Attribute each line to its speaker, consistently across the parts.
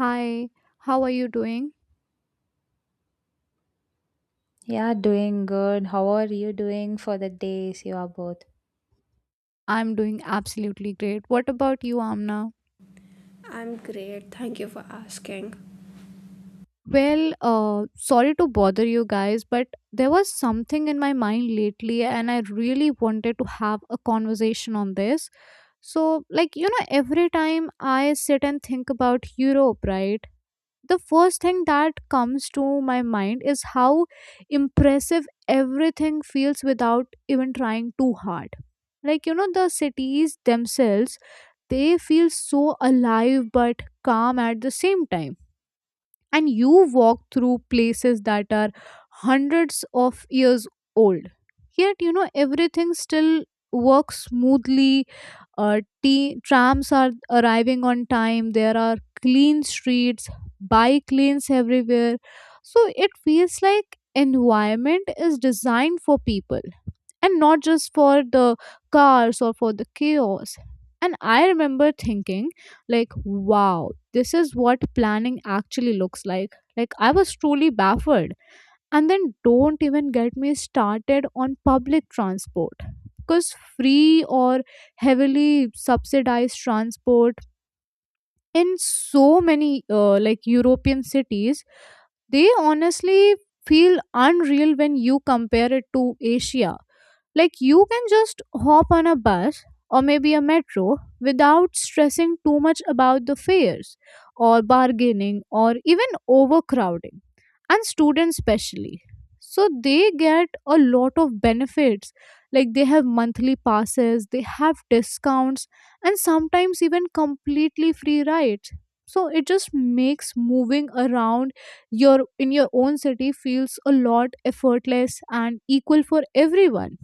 Speaker 1: Hi, how are you doing?
Speaker 2: Yeah, doing good. How are you doing for the days you are both?
Speaker 1: I'm doing absolutely great. What about you, Amna?
Speaker 3: I'm great. Thank you for asking.
Speaker 1: Well, sorry to bother you guys, but there was something in my mind lately, and I really wanted to have a conversation on this. So, like, you know, every time I sit and think about Europe, right, the first thing that comes to my mind is how impressive everything feels without even trying too hard. Like, you know, the cities themselves, they feel so alive but calm at the same time. And you walk through places that are hundreds of years old. Yet, you know, everything still works smoothly. Trams are arriving on time. There are clean streets, bike lanes everywhere. So it feels like environment is designed for people and not just for the cars or for the chaos. And I remember thinking, like, wow, this is what planning actually looks like. Like, I was truly baffled. And then don't even get me started on public transport, because free or heavily subsidized transport in so many like European cities, they honestly feel unreal when you compare it to Asia. Like, you can just hop on a bus or maybe a metro without stressing too much about the fares or bargaining or even overcrowding. And students, especially. So they get a lot of benefits. Like, they have monthly passes, they have discounts, and sometimes even completely free rides. So it just makes moving around your in your own city feels a lot effortless and equal for everyone.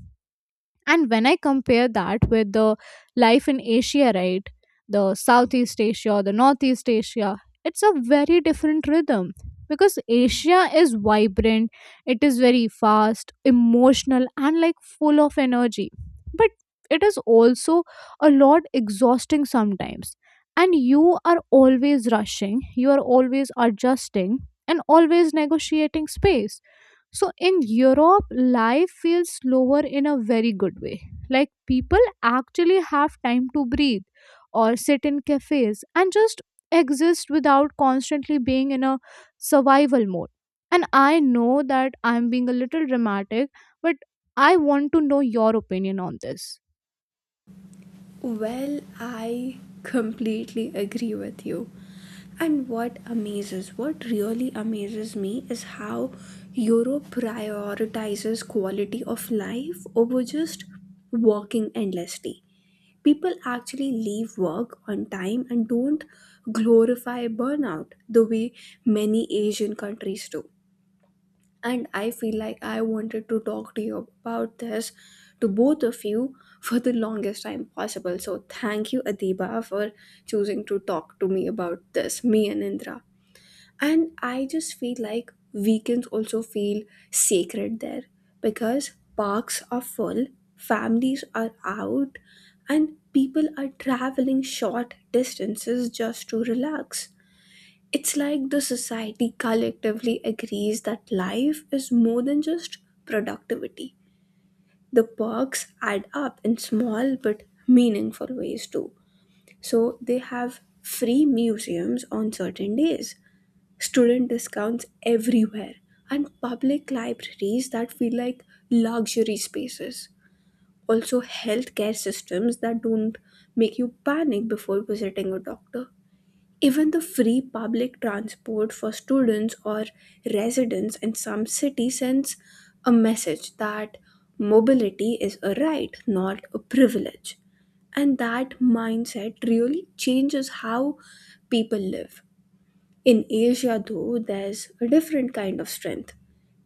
Speaker 1: And when I compare that with the life in Asia, right, the Southeast Asia, the Northeast Asia, it's a very different rhythm, because Asia is vibrant, it is very fast, emotional, and like full of energy. But it is also a lot exhausting sometimes. And you are always rushing, you are always adjusting, and always negotiating space. So in Europe, life feels slower in a very good way. Like, people actually have time to breathe or sit in cafes and just exist without constantly being in a survival mode. And I know that I'm being a little dramatic, but I want to know your opinion on this.
Speaker 3: Well, I completely agree with you. And what really amazes me is how Europe prioritizes quality of life over just working endlessly. People actually leave work on time and don't glorify burnout the way many Asian countries do. And I feel like I wanted to talk to you about this, to both of you, for the longest time possible. So thank you, Adiba, for choosing to talk to me about this, me and Indra. And I just feel like weekends also feel sacred there because parks are full, families are out, and people are traveling short distances just to relax. It's like the society collectively agrees that life is more than just productivity. The perks add up in small but meaningful ways too. So they have free museums on certain days, student discounts everywhere, and public libraries that feel like luxury spaces. Also, healthcare systems that don't make you panic before visiting a doctor, even the free public transport for students or residents in some cities, sends a message that mobility is a right, not a privilege. And that mindset really changes how people live. In Asia, though, there's a different kind of strength: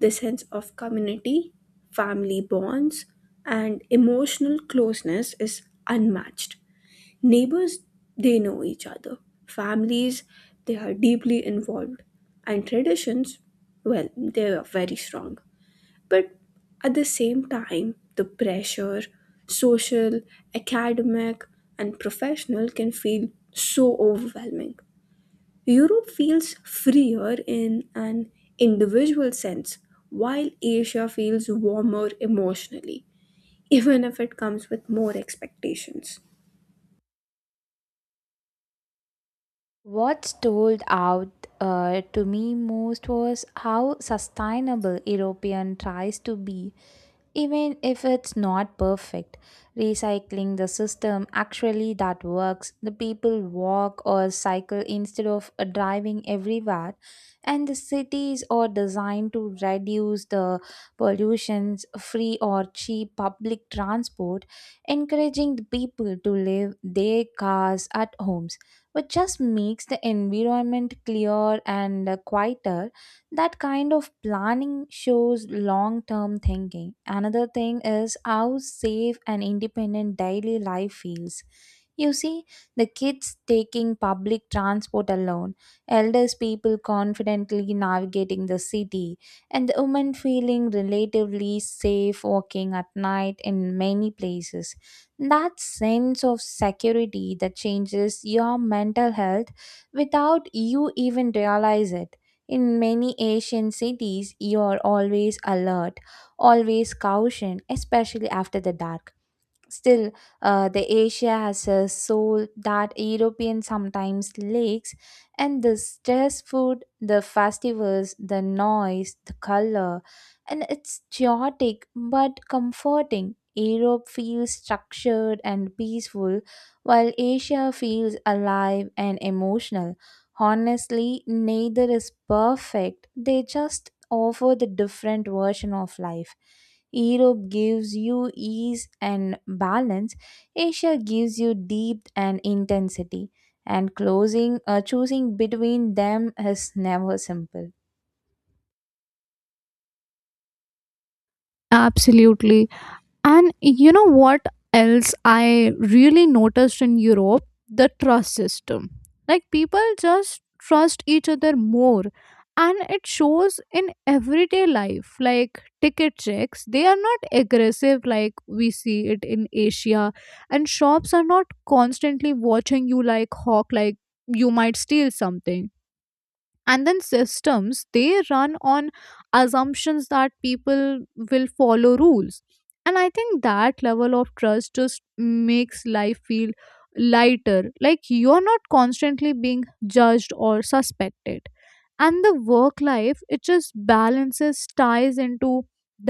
Speaker 3: the sense of community, family bonds, and emotional closeness is unmatched. Neighbors, they know each other. Families, they are deeply involved. And traditions, well, they are very strong. But at the same time, the pressure, social, academic, and professional, can feel so overwhelming. Europe feels freer in an individual sense, while Asia feels warmer emotionally, even if it comes with more expectations.
Speaker 2: What stood out to me most was how sustainable European tries to be, even if it's not perfect. Recycling the system actually that works, the people walk or cycle instead of driving everywhere, and the cities are designed to reduce the pollutions. Free or cheap public transport encouraging the people to leave their cars at homes, which just makes the environment clearer and quieter. That kind of planning shows long term thinking. Another thing is how safe and independent daily life feels. You see, the kids taking public transport alone, elders people confidently navigating the city, and the women feeling relatively safe walking at night in many places. That sense of security that changes your mental health without you even realize it. In many Asian cities, you are always alert, always caution, especially after the dark. Still, the Asia has a soul that European sometimes lacks, and the stress food, the festivals, the noise, the color, and it's chaotic but comforting. Europe feels structured and peaceful, while Asia feels alive and emotional. Honestly, neither is perfect. They just offer the different version of life. Europe gives you ease and balance. Asia gives you depth and intensity. And closing, choosing between them is never simple.
Speaker 1: Absolutely. And you know what else I really noticed in Europe? The trust system. Like, people just trust each other more. And it shows in everyday life, like ticket checks. They are not aggressive like we see it in Asia. And shops are not constantly watching you like hawk, like you might steal something. And then systems, they run on assumptions that people will follow rules, and I think that level of trust just makes life feel lighter. Like, you're not constantly being judged or suspected. And the work life, it just balances ties into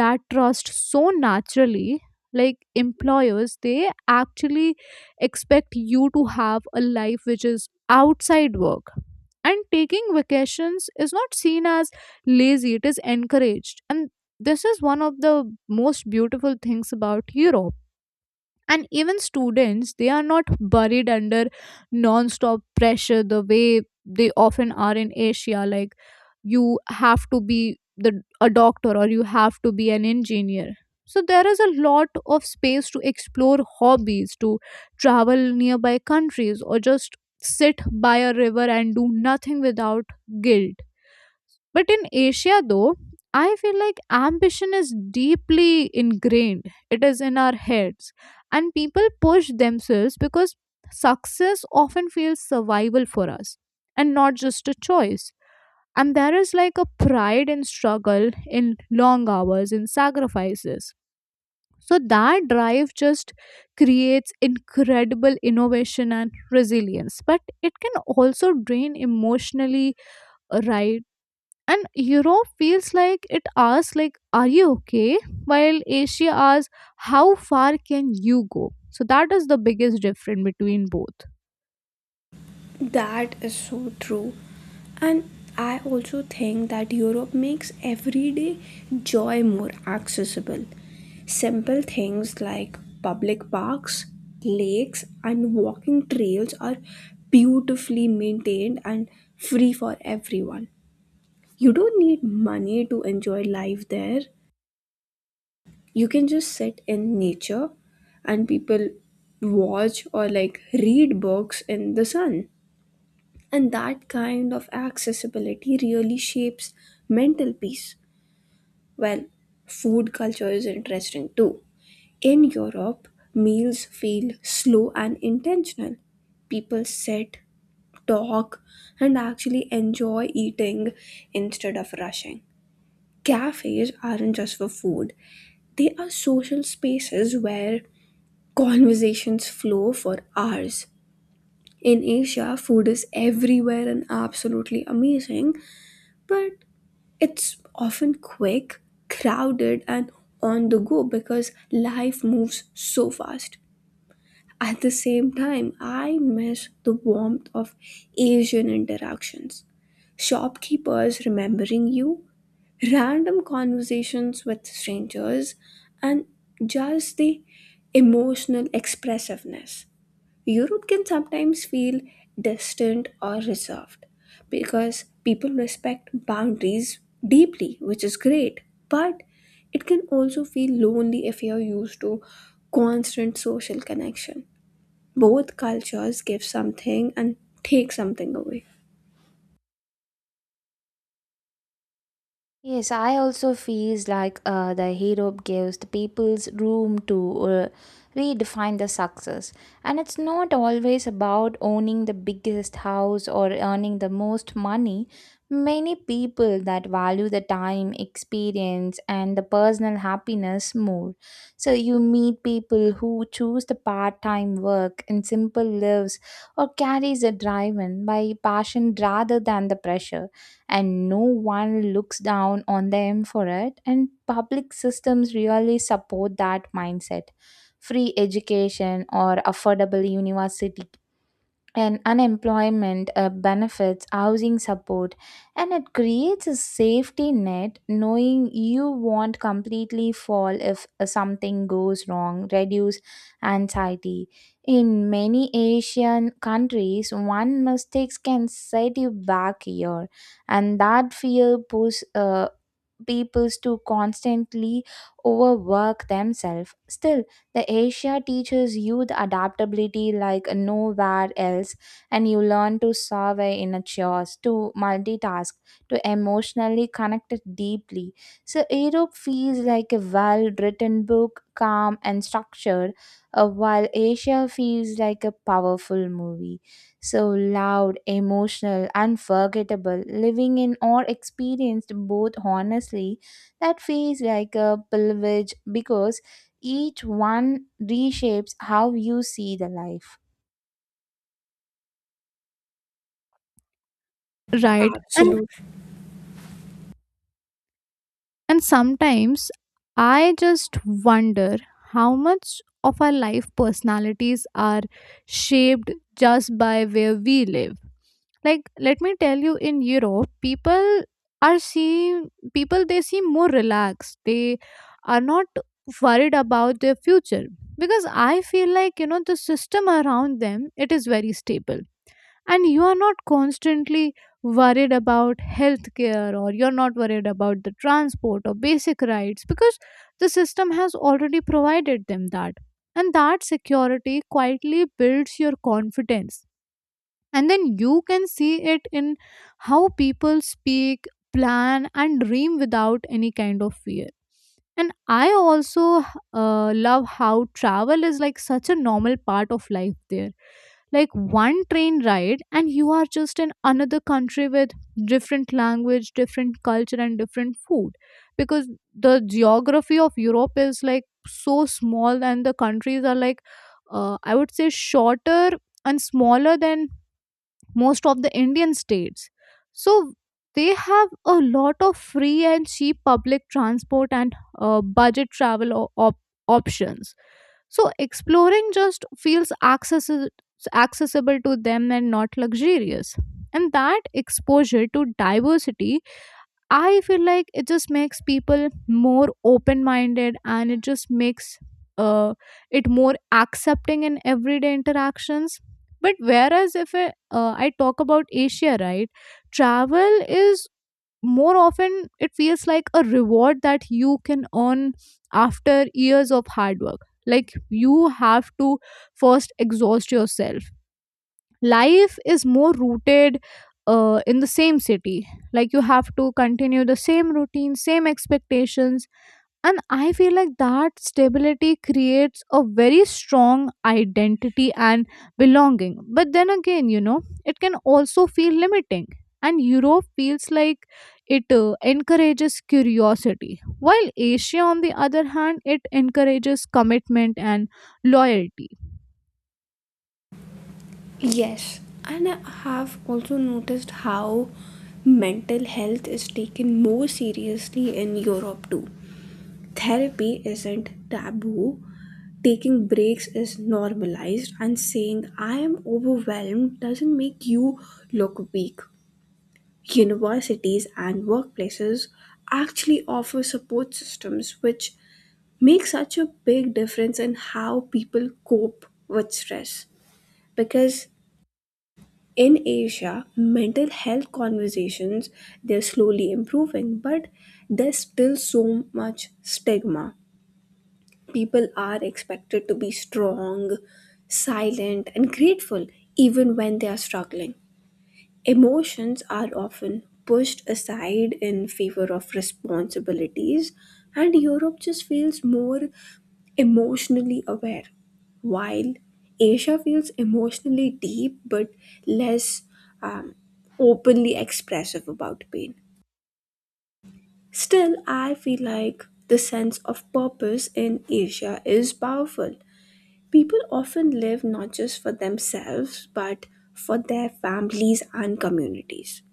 Speaker 1: that trust so naturally. Like, employers, they actually expect you to have a life which is outside work, and taking vacations is not seen as lazy. It is encouraged, and this is one of the most beautiful things about Europe. And even students, they are not buried under non-stop pressure the way they often are in Asia. Like, you have to be the a doctor, or you have to be an engineer. So there is a lot of space to explore hobbies, to travel nearby countries, or just sit by a river and do nothing without guilt. But in Asia, though, I feel like ambition is deeply ingrained, it is in our heads, and people push themselves because success often feels survival for us and not just a choice. And there is like a pride in struggle, in long hours, in sacrifices. So that drive just creates incredible innovation and resilience, but it can also drain emotionally, right? And Europe feels like it asks like, are you okay, while Asia asks, how far can you go? So that is the biggest difference between both.
Speaker 3: That is so true. And I also think that Europe makes everyday joy more accessible. Simple things like public parks, lakes, and walking trails are beautifully maintained and free for everyone. You don't need money to enjoy life there. You can just sit in nature and people watch, or like read books in the sun. And that kind of accessibility really shapes mental peace. Well, food culture is interesting too. In Europe, meals feel slow and intentional. People sit, talk, and actually enjoy eating instead of rushing. Cafes aren't just for food, they are social spaces where conversations flow for hours. In Asia, food is everywhere and absolutely amazing, but it's often quick, crowded, and on the go because life moves so fast. At the same time, I miss the warmth of Asian interactions. Shopkeepers remembering you, random conversations with strangers, and just the emotional expressiveness. Europe can sometimes feel distant or reserved because people respect boundaries deeply, which is great. But it can also feel lonely if you're used to constant social connection. Both cultures give something and take something away.
Speaker 2: Yes, I also feels like the hero gives the people's room to redefine the success. And it's not always about owning the biggest house or earning the most money. Many people that value the time, experience, and the personal happiness more. So you meet people who choose the part-time work and simple lives, or carries a drive-in by passion rather than the pressure, and no one looks down on them for it. And public systems really support that mindset: free education or affordable university and unemployment benefits, housing support, and it creates a safety net. Knowing you won't completely fall if something goes wrong, reduce anxiety. In many Asian countries, one mistake can set you back a year, and that fear push peoples to constantly overwork themselves. Still, the Asia teaches you the adaptability like nowhere else, and you learn to survey in a chaos, to multitask, to emotionally connect it deeply. So Europe feels like a well-written book, calm and structured, while Asia feels like a powerful movie. So loud, emotional, unforgettable, living in or experienced both honestly, that feels like a privilege because each one reshapes how you see the life.
Speaker 1: Right.
Speaker 3: Absolutely.
Speaker 1: And sometimes I just wonder how much of our life personalities are shaped just by where we live. Like, let me tell you, in Europe, are seem people, they seem more relaxed. They are not worried about their future, because I feel like, you know, the system around them, it is very stable. And you are not constantly worried about healthcare, or you're not worried about the transport or basic rights, because the system has already provided them that. And that security quietly builds your confidence. And then you can see it in how people speak, plan, and dream without any kind of fear. And I also love how travel is like such a normal part of life there. Like, one train ride and you are just in another country with different language, different culture, and different food. Because the geography of Europe is like so small, and the countries are like, I would say shorter and smaller than most of the Indian states. So they have a lot of free and cheap public transport and budget travel options. So exploring just feels accessible to them and not luxurious. And that exposure to diversity, I feel like it just makes people more open minded, and it just makes uh, it more accepting in everyday interactions. But whereas if I, I talk about Asia, right, travel is more often it feels like a reward that you can earn after years of hard work. Like, you have to first exhaust yourself. Life is more rooted in the same city. Like, you have to continue the same routine, same expectations. And I feel like that stability creates a very strong identity and belonging. But then again, you know, it can also feel limiting. And Europe feels like it encourages curiosity, while Asia, on the other hand, it encourages commitment and loyalty.
Speaker 3: Yes. And I have also noticed how mental health is taken more seriously in Europe too. Therapy isn't taboo, taking breaks is normalized, and saying I am overwhelmed doesn't make you look weak. Universities and workplaces actually offer support systems which make such a big difference in how people cope with stress, because in Asia, mental health conversations, they're slowly improving, but there's still so much stigma. People are expected to be strong, silent, and grateful even when they are struggling. Emotions are often pushed aside in favor of responsibilities, and Europe just feels more emotionally aware, while Asia feels emotionally deep but less um, openly expressive about pain. Still, I feel like the sense of purpose in Asia is powerful. People often live not just for themselves, but for their families and communities.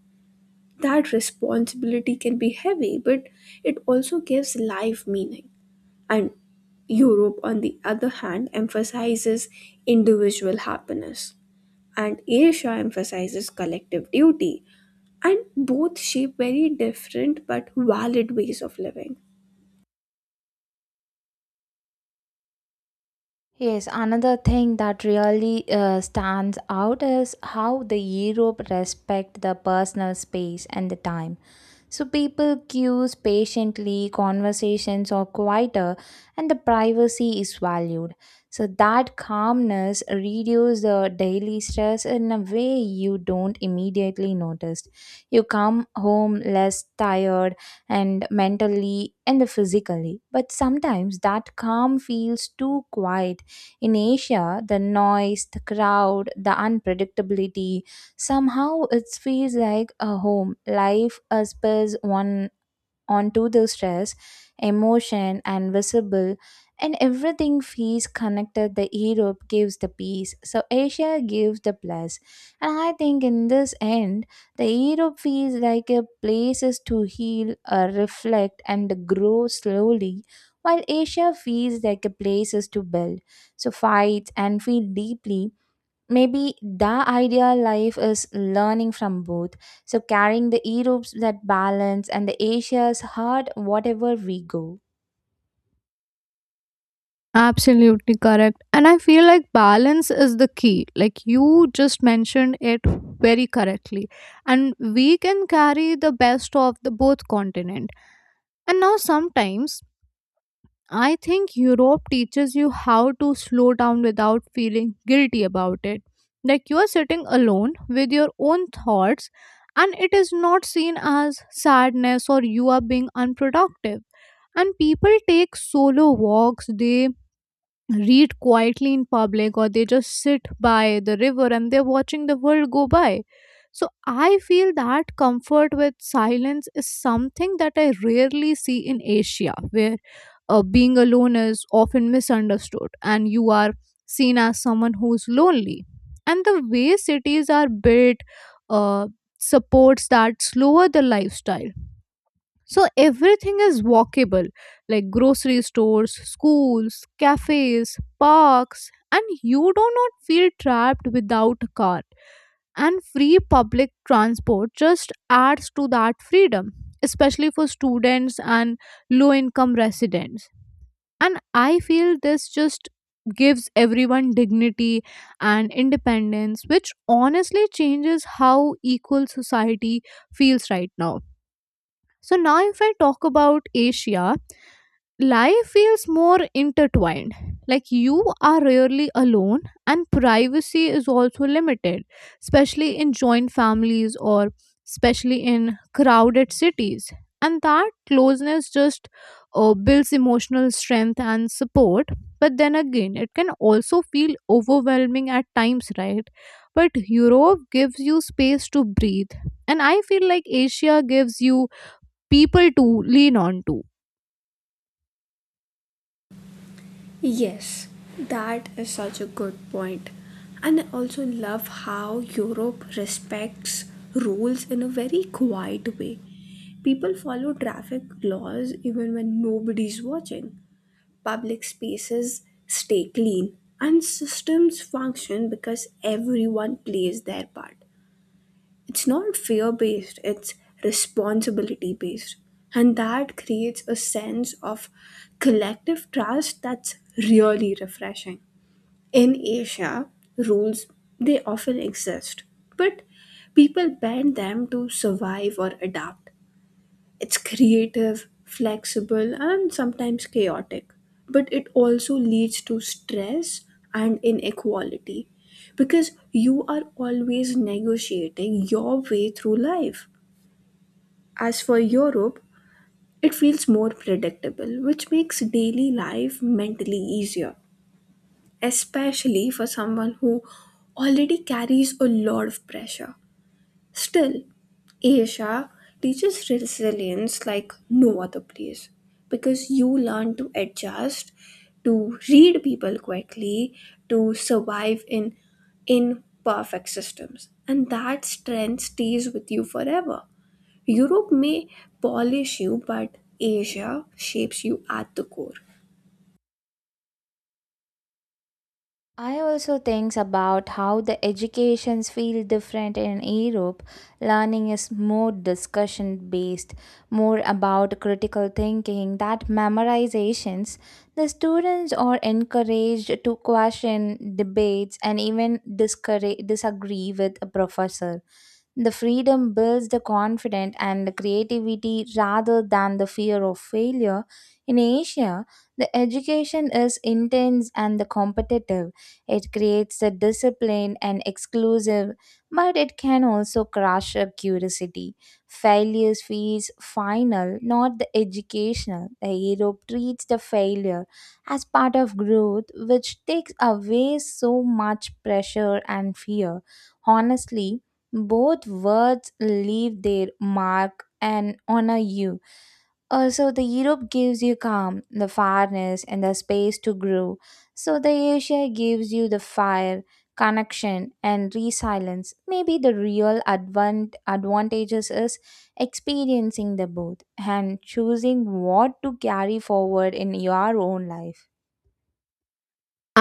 Speaker 3: That responsibility can be heavy, but it also gives life meaning. And Europe, on the other hand, emphasizes individual happiness, and Asia emphasizes collective duty. And both shape very different but valid ways of living.
Speaker 2: Yes, another thing that really stands out is how the Europe respect the personal space and the time. So people queues patiently, conversations are quieter, and the privacy is valued. So that calmness reduces the daily stress in a way you don't immediately notice. You come home less tired and mentally and physically. But sometimes that calm feels too quiet. In Asia, the noise, the crowd, the unpredictability, somehow it feels like a home. Life uspers one onto the stress, emotion, and visible, and everything feels connected. The Europe gives the peace, so Asia gives the plus. And I think in this end, the Europe feels like a places to heal, reflect, and grow slowly. While Asia feels like a places to build, so fight and feel deeply. Maybe the ideal life is learning from both. So carrying the Europe's that balance and the Asia's heart whatever we go.
Speaker 1: Absolutely correct. And I feel like balance is the key. Like, you just mentioned it very correctly. And we can carry the best of the both continent. And now sometimes I think Europe teaches you how to slow down without feeling guilty about it. Like, you are sitting alone with your own thoughts and it is not seen as sadness or you are being unproductive. And people take solo walks, they read quietly in public, or they just sit by the river and they're watching the world go by. So I feel that comfort with silence is something that I rarely see in Asia, where being alone is often misunderstood and you are seen as someone who's lonely. And the way cities are built uh, supports that slower the lifestyle. So everything is walkable, like grocery stores, schools, cafes, parks, and you do not feel trapped without a car. And free public transport just adds to that freedom, especially for students and low income residents. And I feel this just gives everyone dignity and independence, which honestly changes how equal society feels right now. So now, if I talk about Asia, life feels more intertwined. Like, you are rarely alone, and privacy is also limited, especially in joint families or especially in crowded cities. And that closeness just builds emotional strength and support. But then again, it can also feel overwhelming at times, right? But Europe gives you space to breathe. And I feel like Asia gives you people to lean on to.
Speaker 3: Yes, that is such a good point. And I also love how Europe respects rules in a very quiet way. People follow traffic laws even when nobody's watching. Public spaces stay clean, and systems function because everyone plays their part. It's not fear based, it's responsibility based. And that creates a sense of collective trust that's really refreshing. In Asia, rules, they often exist, but people bend them to survive or adapt. It's creative, flexible, and sometimes chaotic, but it also leads to stress and inequality because you are always negotiating your way through life. As for Europe, it feels more predictable, which makes daily life mentally easier, especially for someone who already carries a lot of pressure. Still, Asia teaches resilience like no other place because you learn to adjust, to read people quickly, to survive in imperfect systems. And that strength stays with you forever. Europe may polish you, but Asia shapes you at the core.
Speaker 2: I also think about how the educations feel different in Europe. Learning is more discussion based, more about critical thinking, that memorizations. The students are encouraged to question debates and even disagree with a professor. The freedom builds the confidence and the creativity rather than the fear of failure. In Asia, the education is intense and the competitive. It creates the discipline and exclusive, but it can also crush a curiosity. Failures feels final, not the educational. The Europe treats the failure as part of growth, which takes away so much pressure and fear. Honestly, both words leave their mark and honor you. Also, the Europe gives you calm, the farness, and the space to grow. So, the Asia gives you the fire, connection, and resilience. Maybe the real advantages is experiencing the both and choosing what to carry forward in your own life.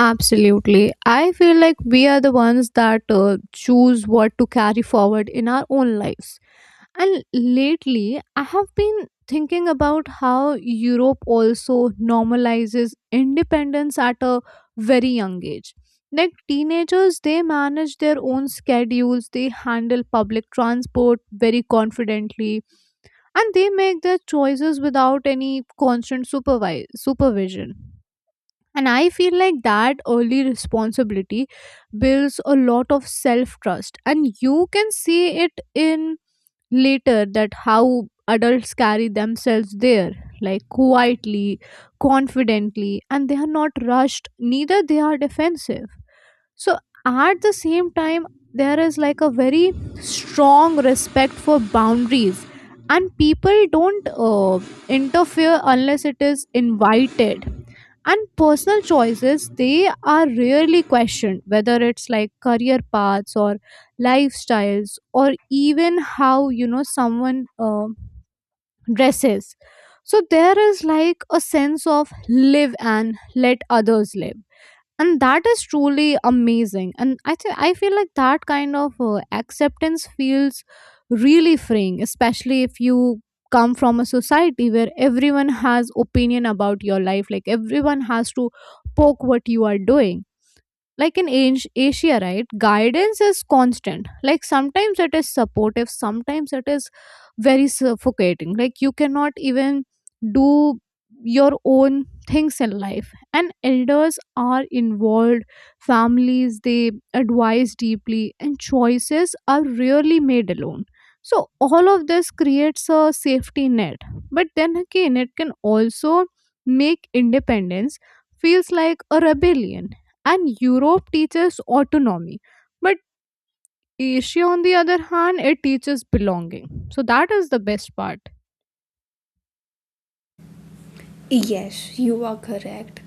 Speaker 1: Absolutely. I feel like we are the ones that choose what to carry forward in our own lives. And lately I have been thinking about how Europe also normalizes independence at a very young age. Like, teenagers, they manage their own schedules, they handle public transport very confidently, and they make their choices without any constant supervision. And I feel like that early responsibility builds a lot of self trust. And you can see it in later that how adults carry themselves there, like quietly, confidently, and they are not rushed, neither they are defensive. So at the same time, there is like a very strong respect for boundaries, and people don't interfere unless it is invited. And personal choices, they are rarely questioned, whether it's like career paths or lifestyles or even how, you know, someone dresses. So there is like a sense of live and let others live. And that is truly amazing. And I think, I feel like that kind of acceptance feels really freeing, especially if you come from a society where everyone has opinion about your life, like everyone has to poke what you are doing. Like in Asia, right, guidance is constant. Like, sometimes it is supportive, sometimes it is very suffocating. Like, you cannot even do your own things in life. And elders are involved, families, they advise deeply, and choices are rarely made alone. So all of this creates a safety net. But then again, it can also make independence feels like a rebellion. And Europe teaches autonomy. But Asia, on the other hand, it teaches belonging. So that is the best part.
Speaker 3: Yes, you are correct.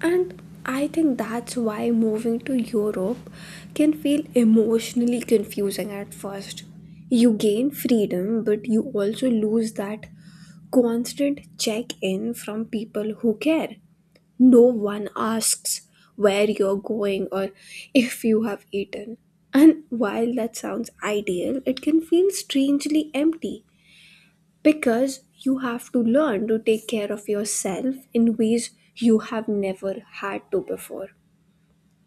Speaker 3: And I think that's why moving to Europe can feel emotionally confusing at first. You gain freedom, but you also lose that constant check in from people who care. No one asks where you're going or if you have eaten. And while that sounds ideal, it can feel strangely empty, because you have to learn to take care of yourself in ways you have never had to before.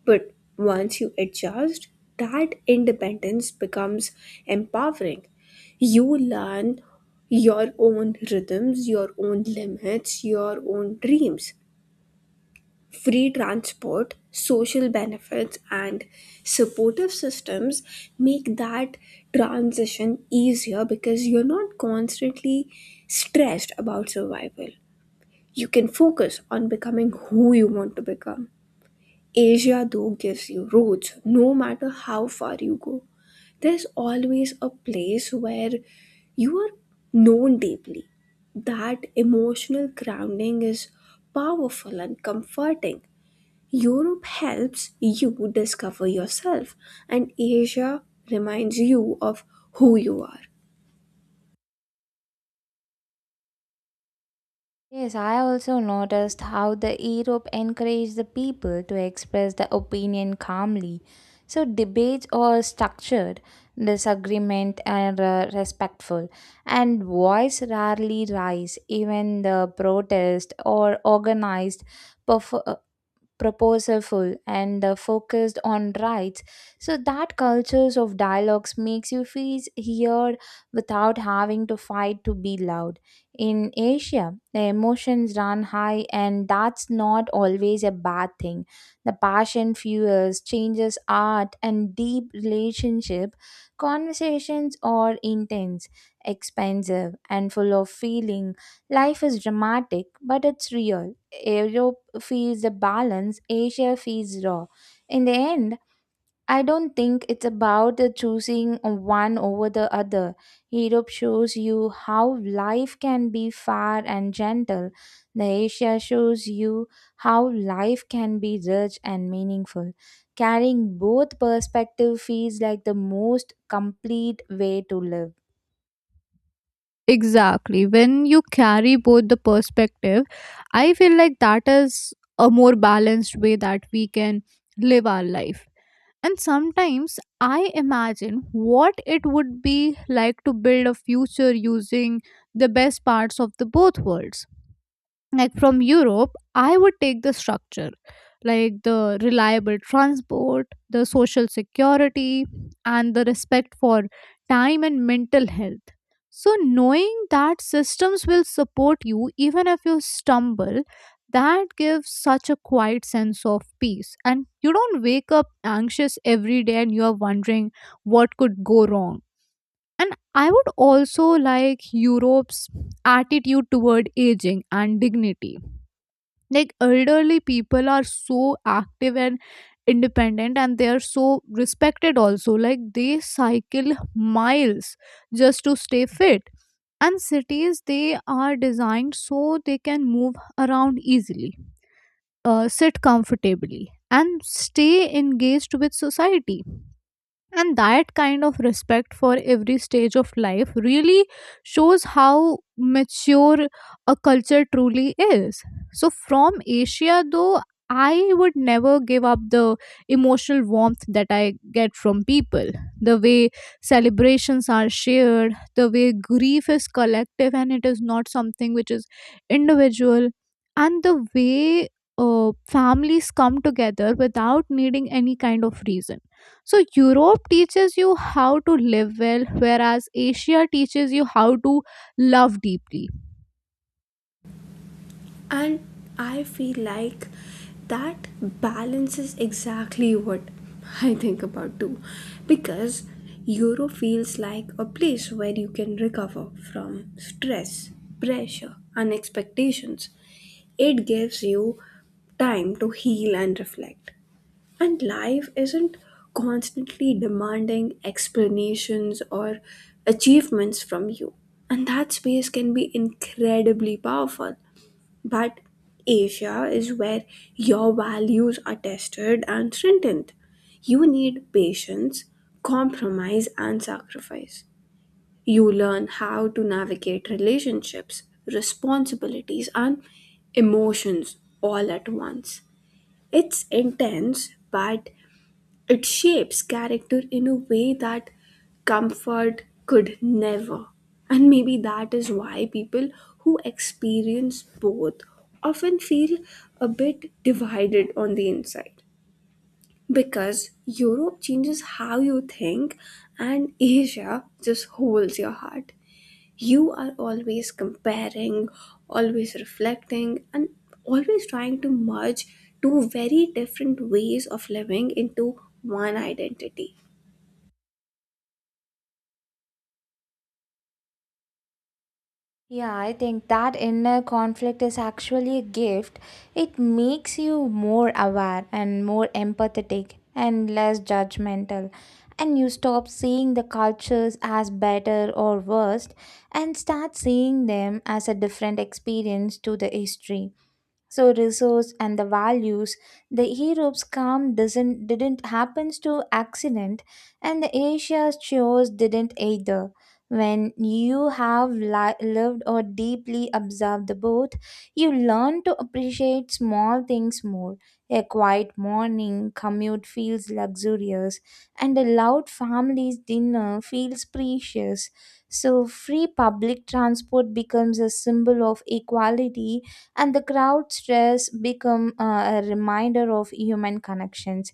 Speaker 3: But once you adjust, that independence becomes empowering. You learn your own rhythms, your own limits, your own dreams. Free transport, social benefits, and supportive systems make that transition easier because you're not constantly stressed about survival. You can focus on becoming who you want to become. Asia, though, gives you roads no matter how far you go. There's always a place where you are known deeply. That emotional grounding is powerful and comforting. Europe helps you discover yourself, and Asia reminds you of who you are.
Speaker 2: Yes, I also noticed how the Europe encouraged the people to express the opinion calmly. So debates are structured, disagreement are respectful, and voice rarely rise. Even the protest or organized perf- proposalful and focused on rights, so that cultures of dialogues makes you feel heard without having to fight to be loud. In Asia, the emotions run high, and that's not always a bad thing. The passion fuels changes art and deep relationship. Conversations are intense, expensive, and full of feeling. Life is dramatic, but it's real. Europe feels a balance, Asia feels raw. In the end, I don't think it's about the choosing one over the other. Europe shows you how life can be fair and gentle. The Asia shows you how life can be rich and meaningful. Carrying both perspective feels like the most complete way to live.
Speaker 1: Exactly. When you carry both the perspective, I feel like that is a more balanced way that we can live our life. And sometimes I imagine what it would be like to build a future using the best parts of the both worlds. Like from Europe, I would take the structure, like the reliable transport, the social security, and the respect for time and mental health. So, knowing that systems will support you even if you stumble, that gives such a quiet sense of peace. And you don't wake up anxious every day and you are wondering what could go wrong. And I would also like Europe's attitude toward aging and dignity, like elderly people are so active and independent and they are so respected also, like they cycle miles just to stay fit and cities they are designed so they can move around easily, sit comfortably and stay engaged with society, and that kind of respect for every stage of life really shows how mature a culture truly is. So, from Asia, though, I would never give up the emotional warmth that I get from people. The way celebrations are shared, the way grief is collective and it is not something which is individual, and the way families come together without needing any kind of reason. So Europe teaches you how to live well, whereas Asia teaches you how to love deeply.
Speaker 3: And I feel like that balance is exactly what I think about too, because Europe feels like a place where you can recover from stress, pressure, and expectations. It gives you time to heal and reflect. And life isn't constantly demanding explanations or achievements from you. And that space can be incredibly powerful. But Asia is where your values are tested and strengthened. You need patience, compromise, and sacrifice. You learn how to navigate relationships, responsibilities, and emotions all at once. It's intense, but it shapes character in a way that comfort could never. And maybe that is why people who experience both often feel a bit divided on the inside, because Europe changes how you think and Asia just holds your heart. You are always comparing, always reflecting, and always trying to merge two very different ways of living into one identity.
Speaker 2: Yeah, I think that inner conflict is actually a gift. It makes you more aware and more empathetic and less judgmental. And you stop seeing the cultures as better or worse and start seeing them as a different experience to the history, so resource and the values. The europe's calm doesn't didn't happens to accident, and the asia's chores didn't either. When you have lived or deeply observed the both, you learn to appreciate small things more. A quiet morning commute feels luxurious, and a loud family's dinner feels precious. So free public transport becomes a symbol of equality, and the crowd stress become a reminder of human connections.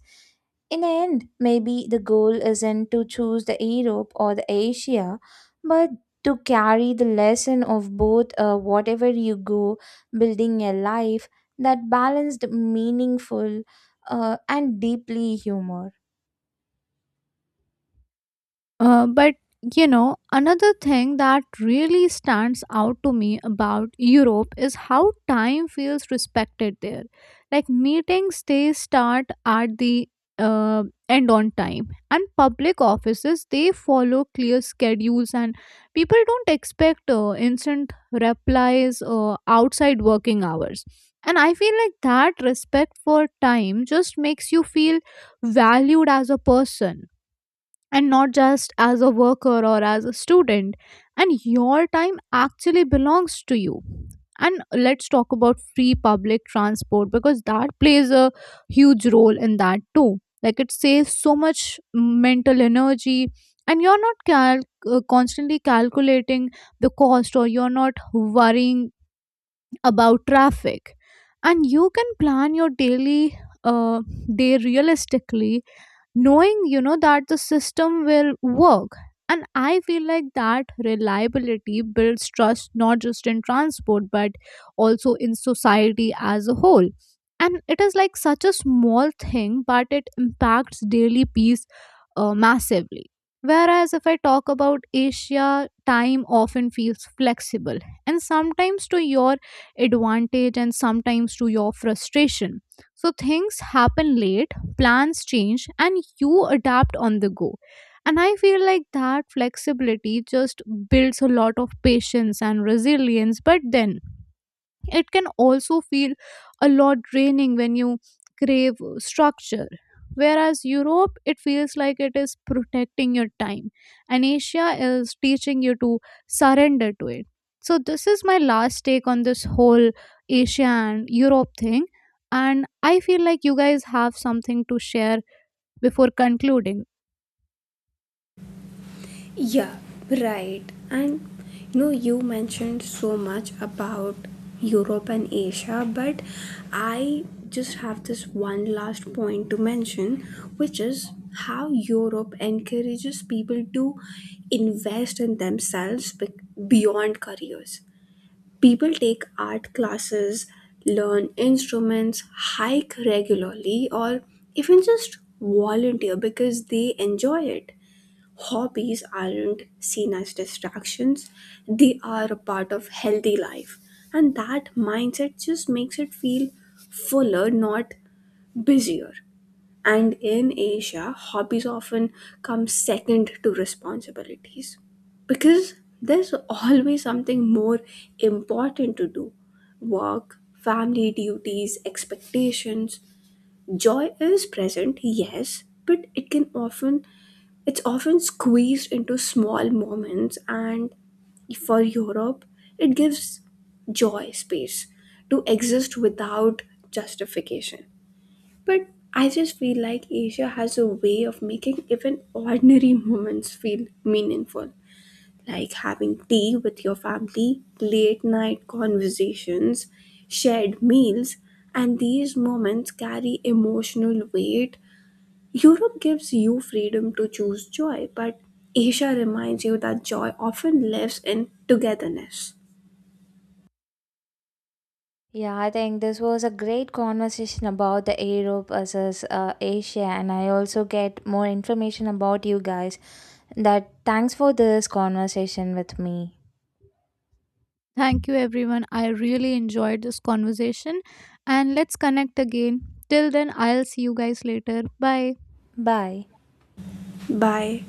Speaker 2: In the end, maybe the goal isn't to choose the Europe or the Asia, but to carry the lesson of both whatever you go, building a life that balanced meaningful and deeply human.
Speaker 1: But you know, another thing that really stands out to me about Europe is how time feels respected there. Like meetings, they start at the uh, end on time, and public offices they follow clear schedules, and people don't expect instant replies outside working hours. And I feel like that respect for time just makes you feel valued as a person and not just as a worker or as a student, and your time actually belongs to you. And let's talk about free public transport, because that plays a huge role in that too. Like it saves so much mental energy, and you're not constantly calculating the cost or you're not worrying about traffic, and you can plan your daily uh, day realistically, knowing you know that the system will work. And I feel like that reliability builds trust not just in transport but also in society as a whole, and it is like such a small thing but it impacts daily peace massively. Whereas if I talk about Asia, time often feels flexible, and sometimes to your advantage and sometimes to your frustration. So things happen late, plans change and you adapt on the go. And I feel like that flexibility just builds a lot of patience and resilience, but then it can also feel a lot draining when you crave structure. Whereas Europe, it feels like it is protecting your time, and Asia is teaching you to surrender to it. So this is my last take on this whole Asia and Europe thing, and I feel like you guys have something to share before concluding.
Speaker 3: Yeah, right. And you know, you mentioned so much about Europe and Asia, but I just have this one last point to mention, which is how Europe encourages people to invest in themselves beyond careers. People take art classes, learn instruments, hike regularly, or even just volunteer because they enjoy it. Hobbies aren't seen as distractions, they are a part of healthy life. And that mindset just makes it feel fuller, not busier. And in Asia, hobbies often come second to responsibilities because there's always something more important to do: work, family duties, expectations. Joy is present, yes, but it's often squeezed into small moments, and for Europe, it gives joy space to exist without justification. But I just feel like Asia has a way of making even ordinary moments feel meaningful, like having tea with your family, late night conversations, shared meals, and these moments carry emotional weight. Europe gives you freedom to choose joy, but Asia reminds you that joy often lives in togetherness.
Speaker 2: Yeah, I think this was a great conversation about the Europe versus Asia, and I also get more information about you guys. That thanks for this conversation with me.
Speaker 1: Thank you, everyone. I really enjoyed this conversation and let's connect again. Till then, I'll see you guys later. Bye.
Speaker 2: Bye.
Speaker 3: Bye.